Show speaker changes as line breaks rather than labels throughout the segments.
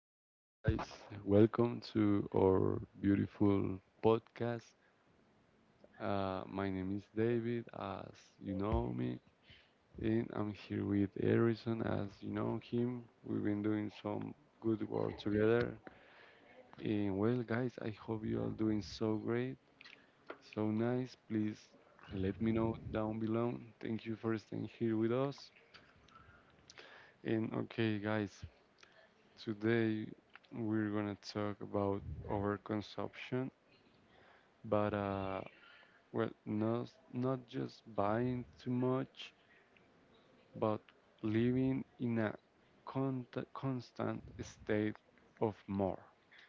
Okay, guys, welcome to our beautiful podcast. My name is David, as you know me, and I'm here with Harrison, as you know him. We've been doing some good work together. And well, guys, I hope you all doing so great, so nice. Please let me know down below. Thank you for staying here with us. And okay, guys, today we're gonna talk about overconsumption but, well, not just buying too much, but living in a constant state of more,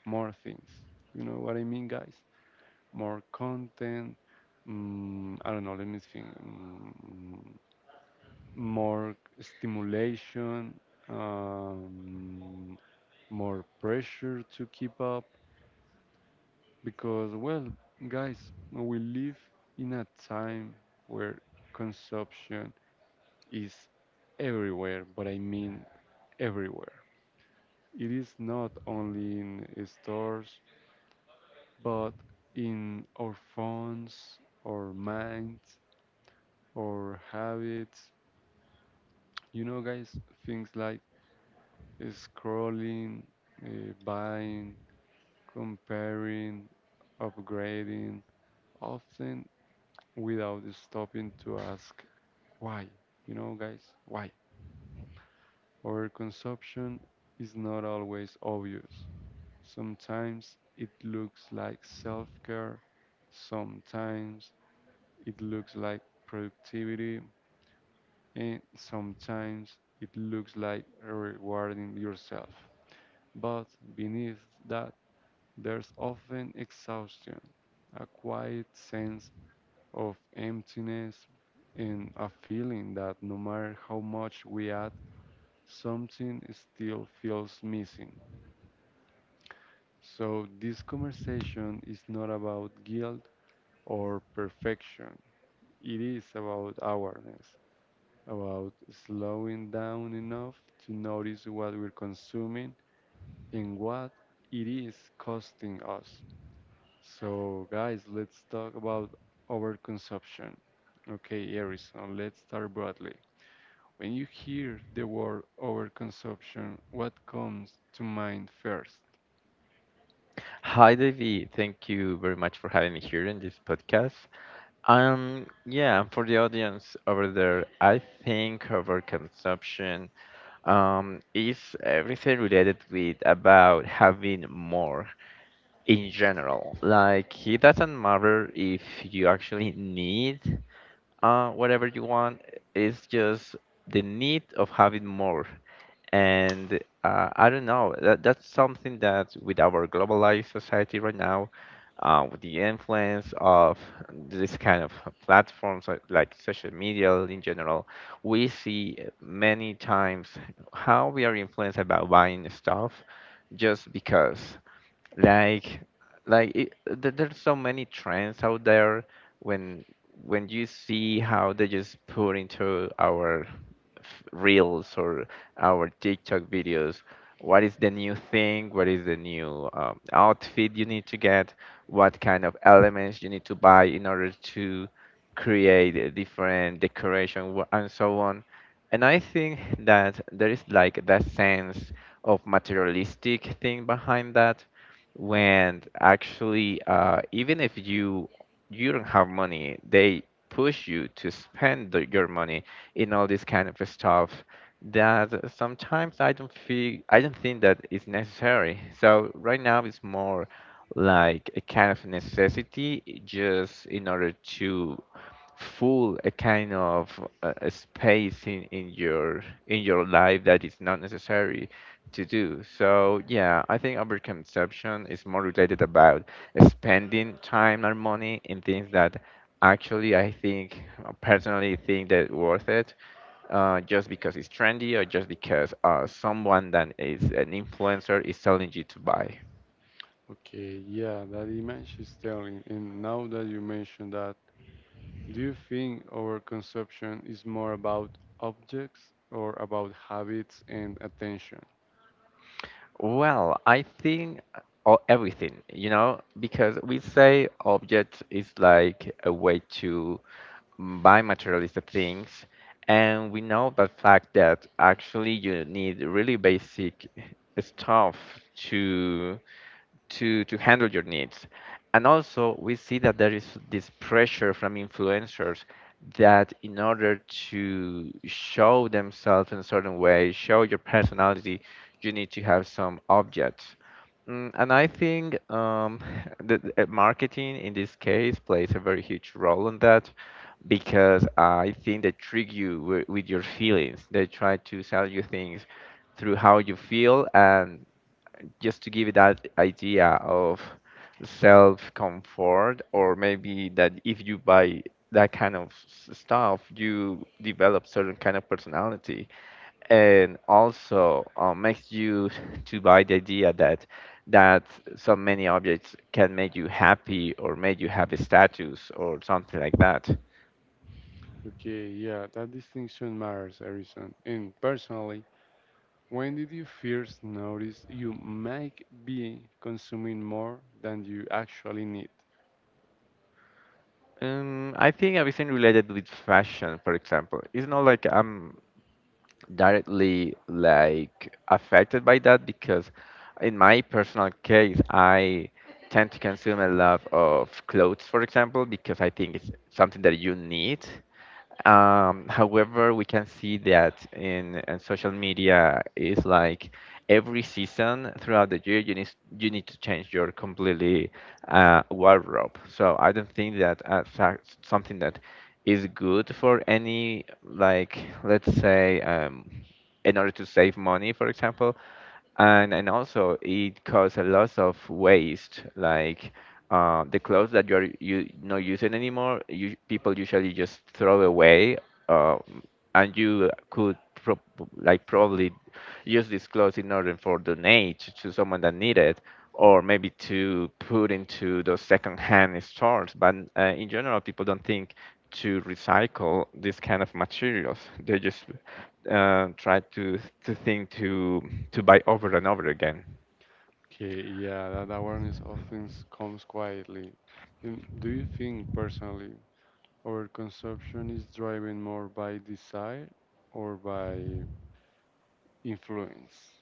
more things. You know what I mean, guys? More content. I don't know. Let me think. More stimulation. Um, more pressure to keep up because, well, guys, we live in a time where consumption is everywhere, but I mean everywhere. It is not only in stores, but in our phones, our minds, our habits. You know, guys, things like scrolling, buying, comparing, upgrading, often without stopping to ask why. You know, guys, why? Our consumption is not always obvious. Sometimes it looks like self care, sometimes it looks like productivity, and sometimes it looks like rewarding yourself. But beneath that, there's often exhaustion, a quiet sense of emptiness, and a feeling that no matter how much we add, something still feels missing. So this conversation is not about guilt or perfection. It is about awareness, about slowing down enough to notice what we're consuming and what it is costing us. So, guys, let's talk about overconsumption. Okay, Harrison, let's start broadly. When you hear the word overconsumption, what comes to mind first?
Hi, David. Thank you very much for having me here in this podcast. Yeah, for the audience over there, I think over consumption is everything related with about having more in general. Like, it doesn't matter if you actually need whatever you want. It's just the need of having more. And I don't know, that's something that with our globalized society right now, with the influence of this kind of platforms like social media in general, we see many times how we are influenced about buying stuff just because like like it, there's so many trends out there when when you see how they just put into our reels or our TikTok videos. What is the new thing? What is the new outfit you need to get? What kind of elements you need to buy in order to create a different decoration and so on? And I think that there is like that sense of materialistic thing behind that when actually even if you don't have money, they push you to spend your money in all this kind of stuff that sometimes I don't think that is necessary. So right now it's more like a kind of necessity just in order to full a kind of a space in your life that is not necessary to do so. Yeah, I think overconsumption is more related about spending time and money in things that actually I think, personally think that worth it, just because it's trendy or just because someone that is an influencer is telling you to buy?
Okay, yeah, that image is telling. And now that you mentioned that, do you think our consumption is more about objects or about habits and attention?
Well, I think or everything, you know, because we say object is like a way to buy materialistic things, and we know the fact that actually you need really basic stuff to to handle your needs. And also, we see that there is this pressure from influencers that in order to show themselves in a certain way, show your personality, you need to have some objects. And I think marketing in this case plays a very huge role in that because I think they trick you with your feelings. They try to sell you things through how you feel, and just to give it that idea of self comfort or maybe that if you buy that kind of stuff, you develop certain kind of personality, and also makes you to buy the idea that so many objects can make you happy or make you have a status or something like that.
Okay, yeah, that distinction matters, Harrison. And personally, when did you first notice you might be consuming more than you actually need?
I think everything related with fashion, for example, it's not like I'm directly like affected by that because in my personal case, I tend to consume a lot of clothes, for example, because I think it's something that you need. However, we can see that in social media is like every season throughout the year you need, you need to change your completely wardrobe. So I don't think that fact, something that is good for any, like, let's say, in order to save money, for example. And also it causes a lot of waste, like the clothes that you're you not using anymore, you, people usually just throw away, uh, and you could like probably use these clothes in order for donate to someone that need it or maybe to put into those second-hand stores. But in general, people don't think to recycle this kind of materials. They just try to think to buy over and over again.
Okay, yeah, that awareness often comes quietly. And do you think personally our consumption is driven more by desire or by influence?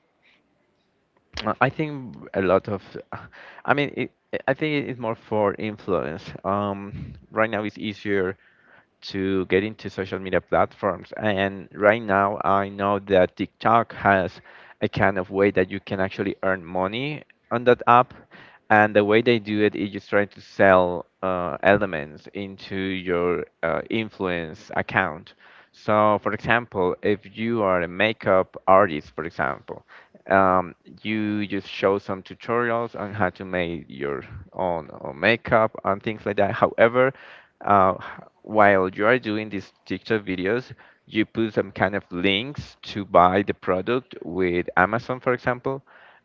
I think a lot of, I mean, it, I think it's more for influence. Right now it's easier to get into social media platforms, and right now I know that TikTok has a kind of way that you can actually earn money on that app, and the way they do it is just trying to sell elements into your influence account. So, for example, if you are a makeup artist, for example, um, you just show some tutorials on how to make your own makeup and things like that. However, uh, while you are doing these TikTok videos, you put some kind of links to buy the product with Amazon, for example.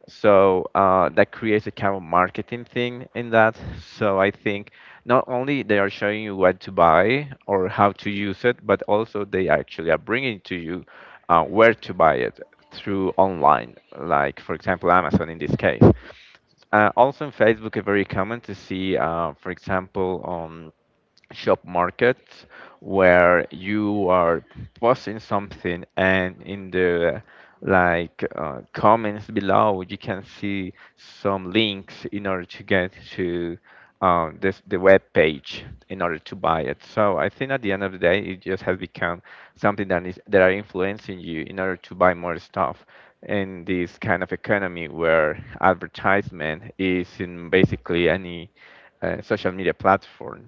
So that creates a kind of marketing thing in that. So I think not only they are showing you what to buy or how to use it, but also they actually are bringing to you where to buy it through online, like, for example, Amazon in this case. Also in Facebook, it's very common to see, for example, shop markets where you are posting something, and in the like comments below you can see some links in order to get to this the web page in order to buy it. So I think at the end of the day, it just has become something that is that are influencing you in order to buy more stuff in this kind of economy where advertisement is in basically any social media platform.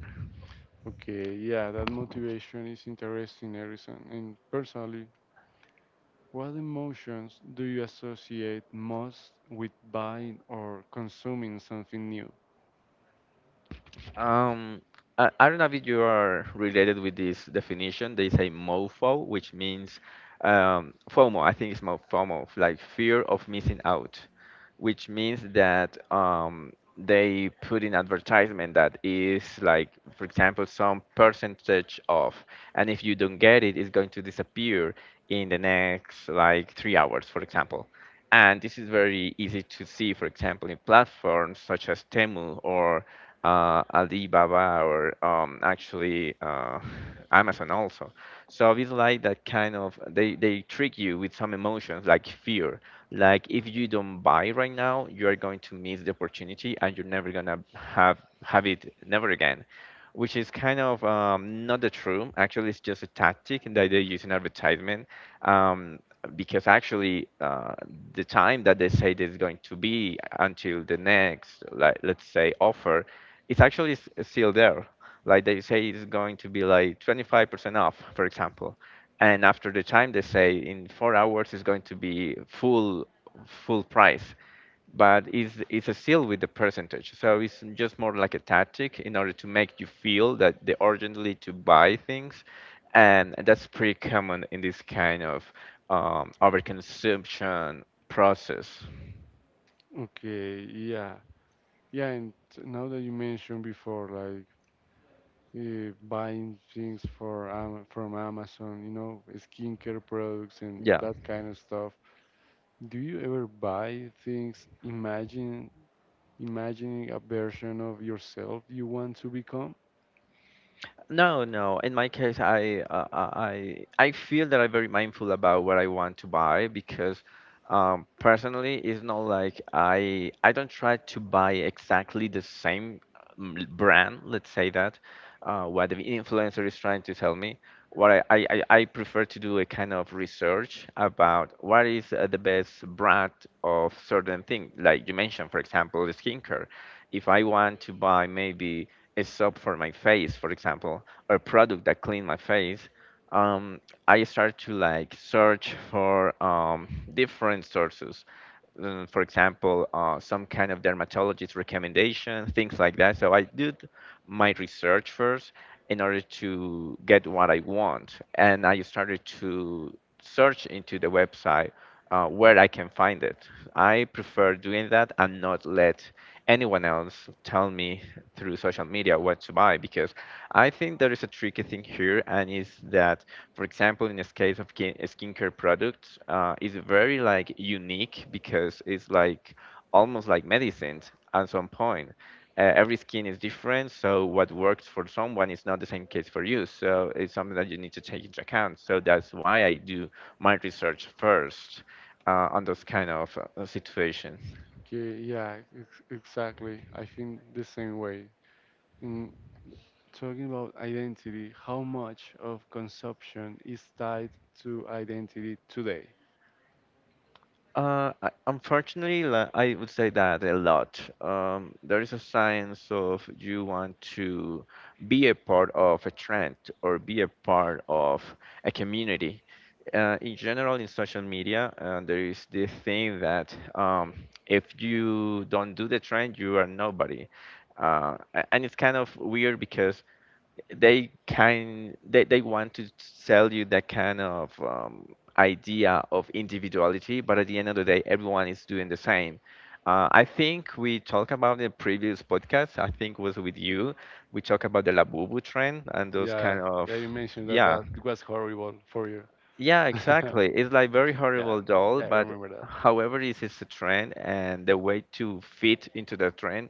Okay, yeah, that motivation is interesting, Harrison. And personally, what emotions do you associate most with buying or consuming something new?
Um, I don't know if you are related with this definition. They say MOFO, which means FOMO. I think it's more FOMO, like fear of missing out, which means that they put in advertisement that is like, for example, some percentage off, and if you don't get it, it's going to disappear in the next like 3 hours, for example. And this is very easy to see, for example, in platforms such as Temu or Alibaba, or actually, Amazon also. So it's like that kind of, they trick you with some emotions like fear. Like if you don't buy right now, you are going to miss the opportunity and you're never gonna have it never again. Which is kind of not the true. Actually, it's just a tactic that they use in advertisement. Um, because actually, the time that they say there's going to be until the next, like, let's say, offer, it's actually still there. Like they say it's going to be like 25% off, for example. And after the time they say, in 4 hours it's going to be full full price. But it's a still with the percentage. So it's just more like a tactic in order to make you feel that they urgently to buy things. And that's pretty common in this kind of overconsumption process.
Okay, yeah, yeah, and now that you mentioned before, like buying things for Am from Amazon, you know, skincare products and yeah,
Yeah.
that kind of stuff. Do you ever buy things, imagining a version of yourself you want to become?
No, no. In my case, I feel that I'm very mindful about what I want to buy because personally, it's not like I don't try to buy exactly the same brand. Let's say that what the influencer is trying to tell me. What I prefer to do a kind of research about what is the best brand of certain thing. Like you mentioned, for example, the skincare. If I want to buy maybe a soap for my face, for example, or product that clean my face, um, I start to like search for different sources. For example, some kind of dermatologist recommendation, things like that. So I did my research first in order to get what I want, and I started to search into the website where I can find it. I prefer doing that and not let anyone else tell me through social media what to buy because I think there is a tricky thing here, and is that, for example, in this case of skincare products, is very like unique because it's like almost like medicine at some point. Every skin is different, so what works for someone is not the same case for you. So it's something that you need to take into account. So that's why I do my research first on those kind of situation.
Okay, yeah, exactly. I think the same way. In talking about identity, how much of consumption is tied to identity today?
Unfortunately, I would say that a lot. There is a science of you want to be a part of a trend or be a part of a community. In general, in social media, there is this thing that if you don't do the trend, you are nobody. And it's kind of weird because they want to sell you that kind of idea of individuality, but at the end of the day everyone is doing the same. I think we talked about the previous podcast, I think was with you, we talked about the labubu trend and those kind
Yeah,
of,
yeah, you mentioned that
yeah,
that was horrible for you.
yeah, exactly. It's like very
Yeah,
horrible doll,
yeah, I
but
remember that.
however, this is a trend, and the way to fit into the trend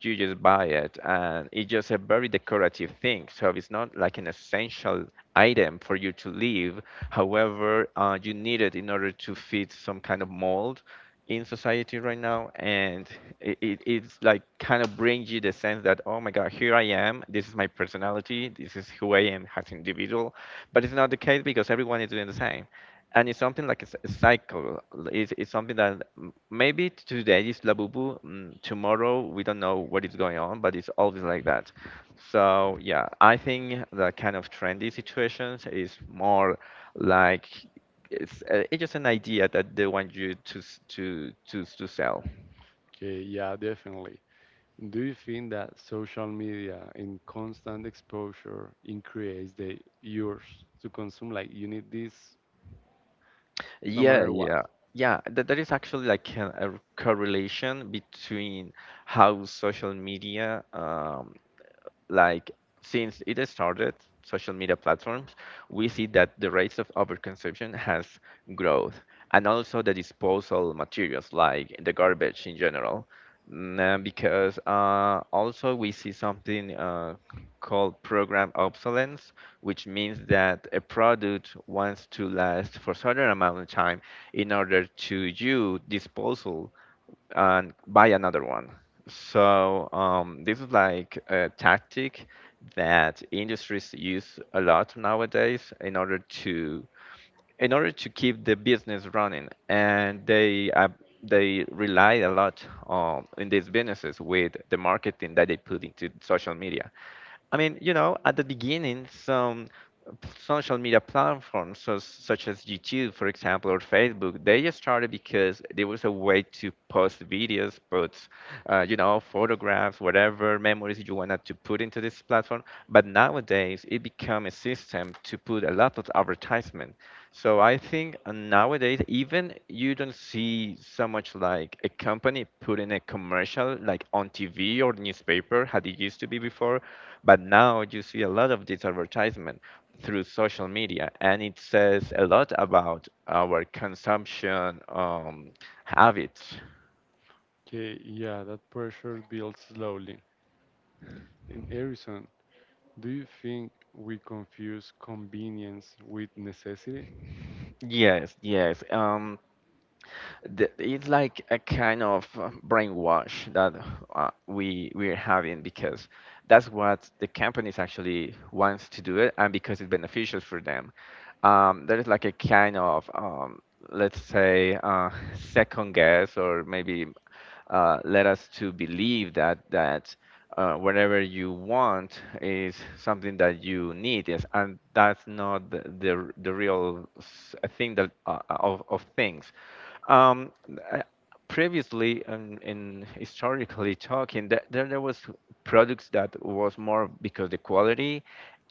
you just buy it and it's just a very decorative thing so it's not like an essential item for you to live however you need it in order to fit some kind of mold in society right now and it's like kind of brings you the sense that oh my god, here I am, this is my personality, this is who I am as an individual, but it's not the case because everyone is doing the same. And it's something like a cycle. It's something that maybe today is Labubu, tomorrow we don't know what is going on, but it's always like that. So yeah, I think the kind of trendy situations is more like it's just an idea that they want you to sell.
Okay, yeah, definitely. Do you think that social media and constant exposure increase the urge to consume? Like you need this no
Yeah,
matter what.
yeah. Yeah, that is actually like a correlation between how social media like since it started social media platforms we see that the rates of overconsumption has growth, and also the disposal materials like the garbage in general. Because also we see something called program obsolescence, which means that a product wants to last for certain amount of time in order to you disposal and buy another one. So this is like a tactic that industries use a lot nowadays in order to keep the business running, and they rely a lot on in these businesses with the marketing that they put into social media. I mean, you know, at the beginning, some social media platforms, so, such as YouTube, for example, or Facebook, they just started because there was a way to post videos, post, you know, photographs, whatever memories you wanted to put into this platform. But nowadays, it become a system to put a lot of advertisement. So I think nowadays, even you don't see so much like a company putting a commercial like on TV or newspaper, how it used to be before, but now you see a lot of this advertisement through social media, and it says a lot about our consumption habits.
Okay, yeah, that pressure builds slowly. In Harrison, do you think we confuse convenience with necessity?
Yes, yes. The, it's like a kind of brainwash that we we're having because that's what the companies actually wants to do it, and because it's beneficial for them. Um, there is like a kind of let's say second guess or maybe led us to believe that whatever you want is something that you need, yes, and that's not the, real thing that of things um, uh, previously and in historically talking there there was products that was more because the quality.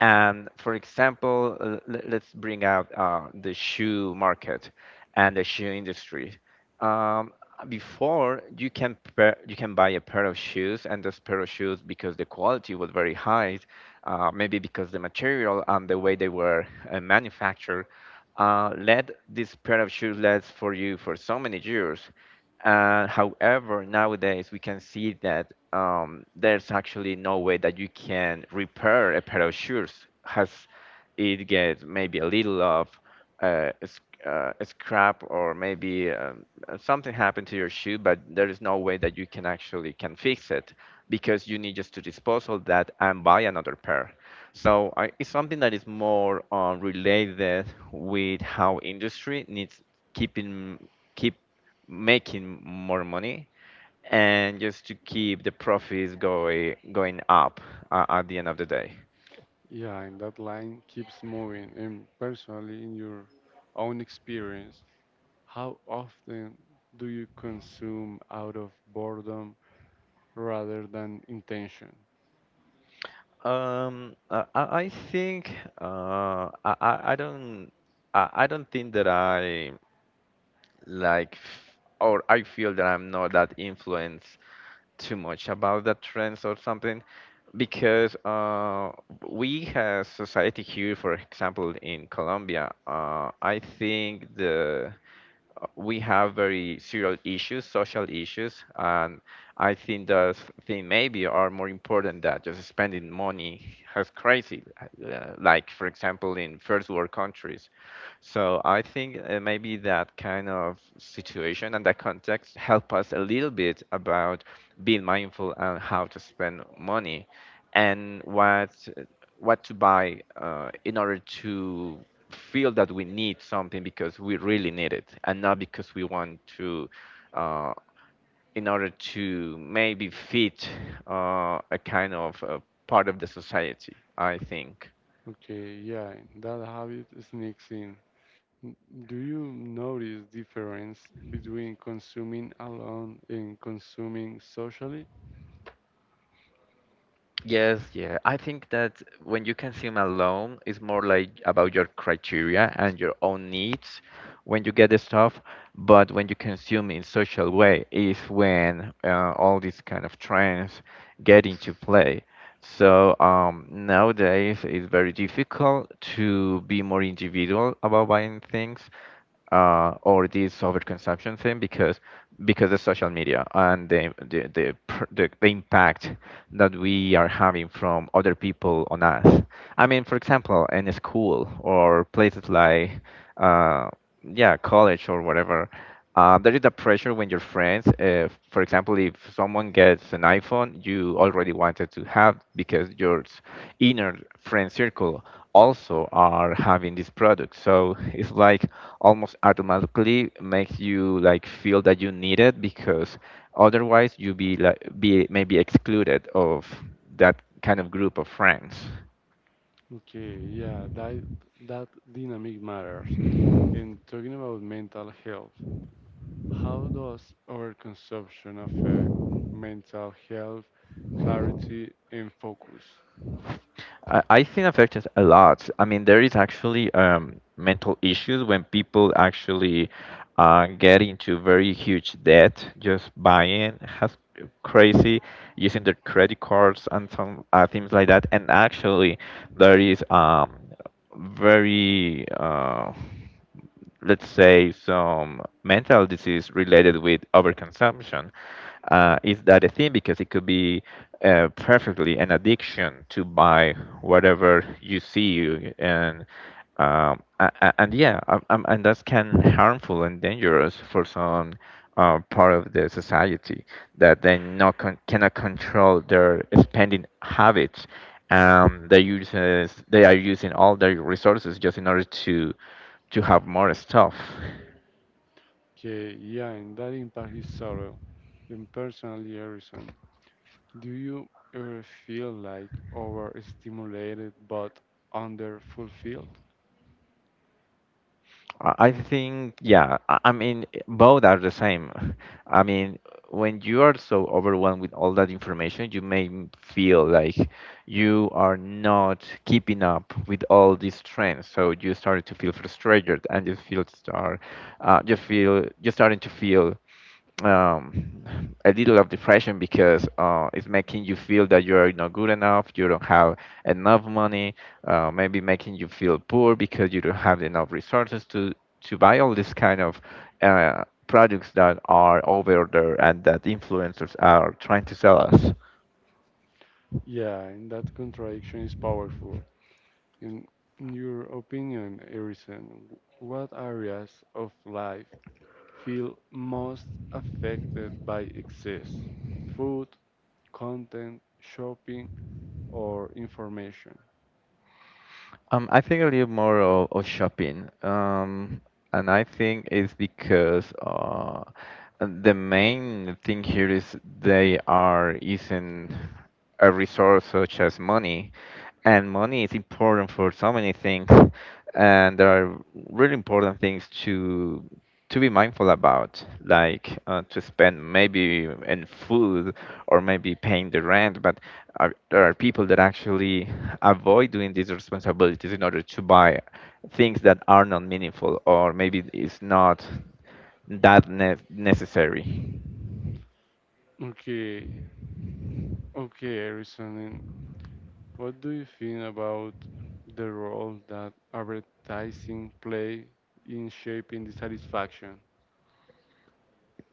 And for example, let's bring out the shoe market and the shoe industry. Um, Before you can pair, you can buy a pair of shoes, and this pair of shoes, because the quality was very high, maybe because the material and the way they were manufactured, led this pair of shoes lasts for you for so many years. However, nowadays we can see that there's actually no way that you can repair a pair of shoes as it gets maybe a little of a scrap or maybe something happened to your shoe, but there is no way that you can actually can fix it because you need just to dispose of that and buy another pair. So I, it's something that is more related with how industry needs keeping keep making more money and just to keep the profits going going up at the end of the day.
Yeah, and that line keeps moving. And personally, in your own experience, how often do you consume out of boredom rather than intention?
I I think I, I don't I don't think that I like or I feel that I'm not that influenced too much about the trends or something because we as society here, for example, in Colombia, I think the we have very serious issues, social issues, and I think those things maybe are more important than just spending money as crazy, like for example in first world countries. So I think maybe that kind of situation and that context help us a little bit about being mindful and how to spend money and what to buy in order to feel that we need something because we really need it and not because we want to uh, in order to maybe fit a kind of part of the society, I think.
Okay, yeah, and that habit sneaks in. N- Do you notice difference between consuming alone and consuming socially?
Yes, yeah. I think that when you consume alone, it's more like about your criteria and your own needs when you get the stuff. But when you consume in social way, is when all these kind of trends get into play. So nowadays, it's very difficult to be more individual about buying things or this over consumption thing because the social media and the the impact that we are having from other people on us. I mean, for example, in a school or places like uh, yeah, college or whatever. There is a pressure when your friends, for example, if someone gets an iPhone, you already wanted to have because your inner friend circle also are having this product. So it's like almost automatically makes you like feel that you need it because otherwise you be like be maybe excluded of that kind of group of friends.
Okay, yeah, that dynamic matters. And talking about mental health, how does overconsumption affect mental health, clarity, and focus?
I think affected a lot. I mean, there is actually mental issues when people actually get into very huge debt just buying has crazy using their credit cards and some things like that. And actually, there is very let's say some mental disease related with overconsumption is that a thing because it could be perfectly an addiction to buy whatever you see and and yeah and that's can harmful and dangerous for some part of the society that they not cannot control their spending habits they uses they are using all their resources just in order to have more stuff.
Okay, yeah, and that impact is subtle. And personally, Harrison, do you ever feel like overstimulated but underfulfilled?
I think, yeah, I mean, both are the same. I mean, when you are so overwhelmed with all that information, you may feel like you are not keeping up with all these trends. So you started to feel frustrated and you feel start, you feel, you're starting to feel um, a little of depression because it's making you feel that you are not good enough, you don't have enough money, maybe making you feel poor because you don't have enough resources to buy all this kind of products that are over there and that influencers are trying to sell us.
Yeah, and that contradiction is powerful. In your opinion, Harrison, what areas of life feel most affected by excess? Food, content, shopping, or information?
I think a little more of shopping. And I think it's because the main thing here is they are using a resource such as money, and money is important for so many things, and there are really important things to be mindful about, like to spend maybe in food or maybe paying the rent. But are, there are people that actually avoid doing these responsibilities in order to buy things that are not meaningful or maybe it's not that necessary.
Okay, okay, Harrison, and what do you think about the role that advertising play in shaping the satisfaction?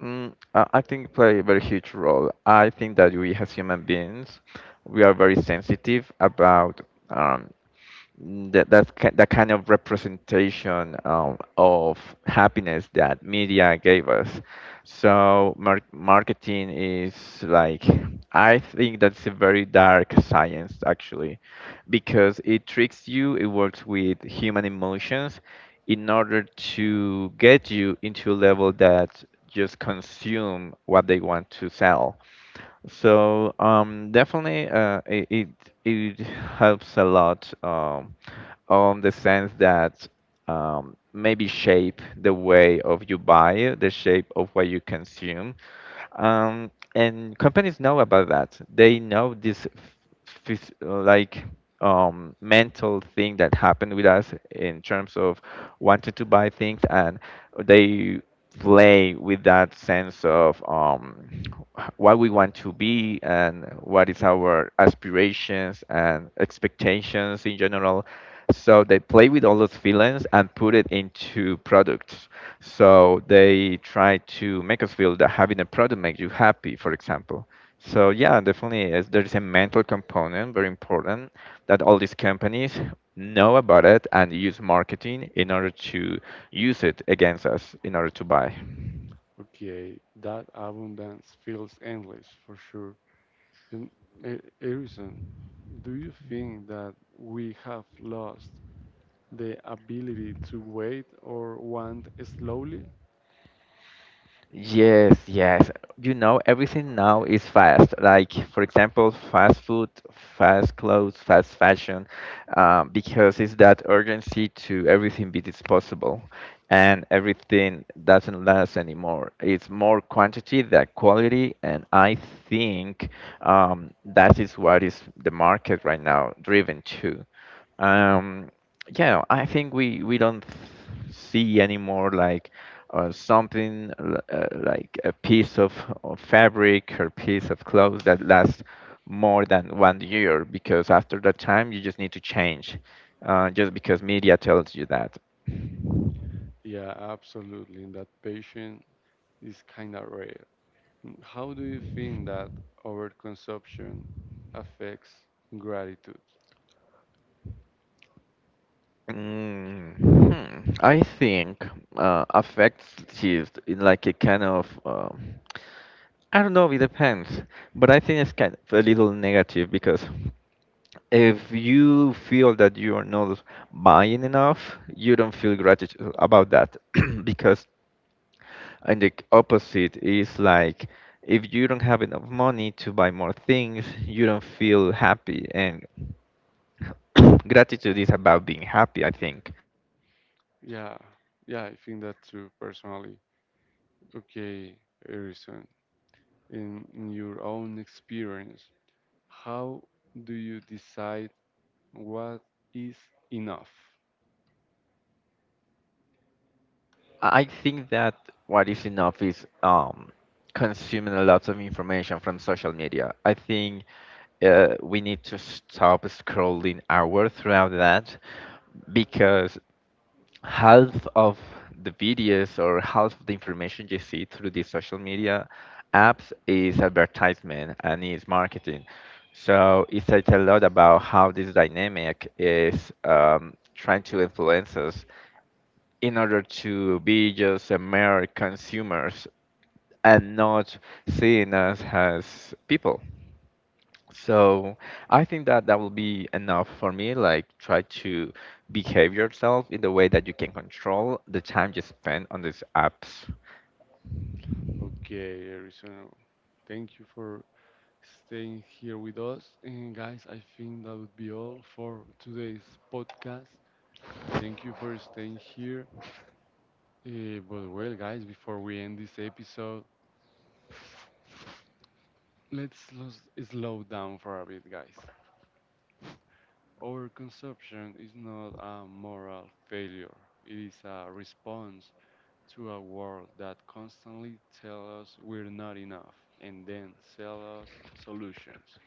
I think it play a very huge role. I think that we as human beings, we are very sensitive about um, that that kind of representation of happiness that media gave us. So mar marketing is like I think that's a very dark science actually, because it tricks you. It works with human emotions, in order to get you into a level that just consume what they want to sell. So definitely, it it helps a lot on the sense that maybe shape the way of you buy, the shape of what you consume, and companies know about that. They know this like mental thing that happened with us in terms of wanting to buy things, and they play with that sense of what we want to be and what is our aspirations and expectations in general. So they play with all those feelings and put it into products. So they try to make us feel that having a product makes you happy, for example. So yeah, definitely is there is a mental component, very important, that all these companies know about it and use marketing in order to use it against us in order to buy.
Okay, that abundance feels endless for sure. And Harrison, do you think that we have lost the ability to wait or want slowly?
Yes, yes. You know, everything now is fast. Like, for example, fast food, fast clothes, fast fashion, because it's that urgency to everything be disposable, and everything doesn't last anymore. It's more quantity than quality, and I think that is what is the market right now driven to. Um, yeah, I think we don't see anymore like like a piece of fabric or piece of clothes that lasts more than one year because after that time you just need to change just because media tells you that.
Yeah, absolutely. That patience is kind of rare. How do you think that overconsumption affects gratitude?
Mm, hmm, I think affects is in like a kind of I don't know, it depends, but I think it's kind of a little negative because if you feel that you are not buying enough, you don't feel gratitude about that because and the opposite is like if you don't have enough money to buy more things, you don't feel happy and gratitude is about being happy, I think.
Yeah, yeah, I think that too personally. Okay, Harrison, in your own experience, how do you decide? What is enough?
I think that what is enough is consuming a lot of information from social media. I think we need to stop scrolling hours throughout that because half of the videos or half of the information you see through these social media apps is advertisement and is marketing. So it says a lot about how this dynamic is trying to influence us in order to be just a mere consumers and not seeing us as people. So I think that that will be enough for me. Like try to behave yourself in the way that you can control the time you spend on these apps.
Okay, Arizona. Thank you for staying here with us. And guys, I think that would be all for today's podcast. Thank you for staying here. But well, guys, before we end this episode, let's slow down for a bit, guys. Overconsumption is not a moral failure. It is a response to a world that constantly tells us we're not enough and then sell us solutions.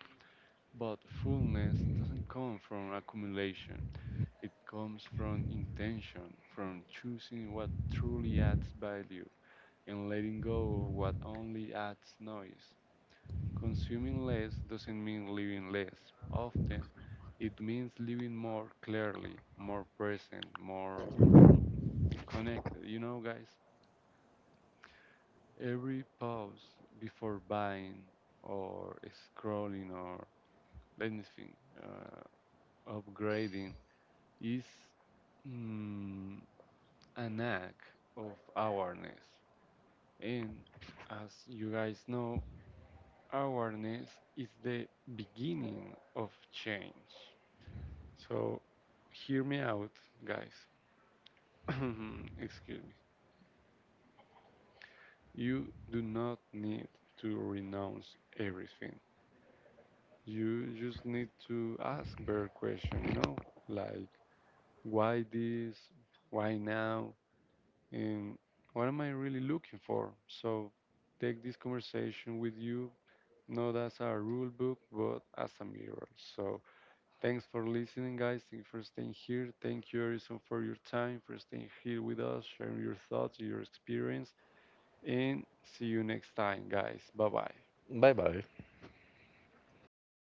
But fullness doesn't come from accumulation, it comes from intention, from choosing what truly adds value and letting go of what only adds noise. Consuming less doesn't mean living less. Often, it means living more clearly, more present, more connected. You know, guys? Every pause before buying or scrolling or let me think, uh, upgrading is mm, an act of awareness. And as you guys know, awareness is the beginning of change. So hear me out, guys. Excuse me. You do not need to renounce everything. You just need to ask better question, you know, like why this, why now, and what am I really looking for? So take this conversation with you, not as a rule book, but as a mirror. So thanks for listening, guys. Thank you for staying here. Thank you, Harrison, for your time, for staying here with us, sharing your thoughts, your experience, and see you next time, guys. Bye bye.
Bye bye.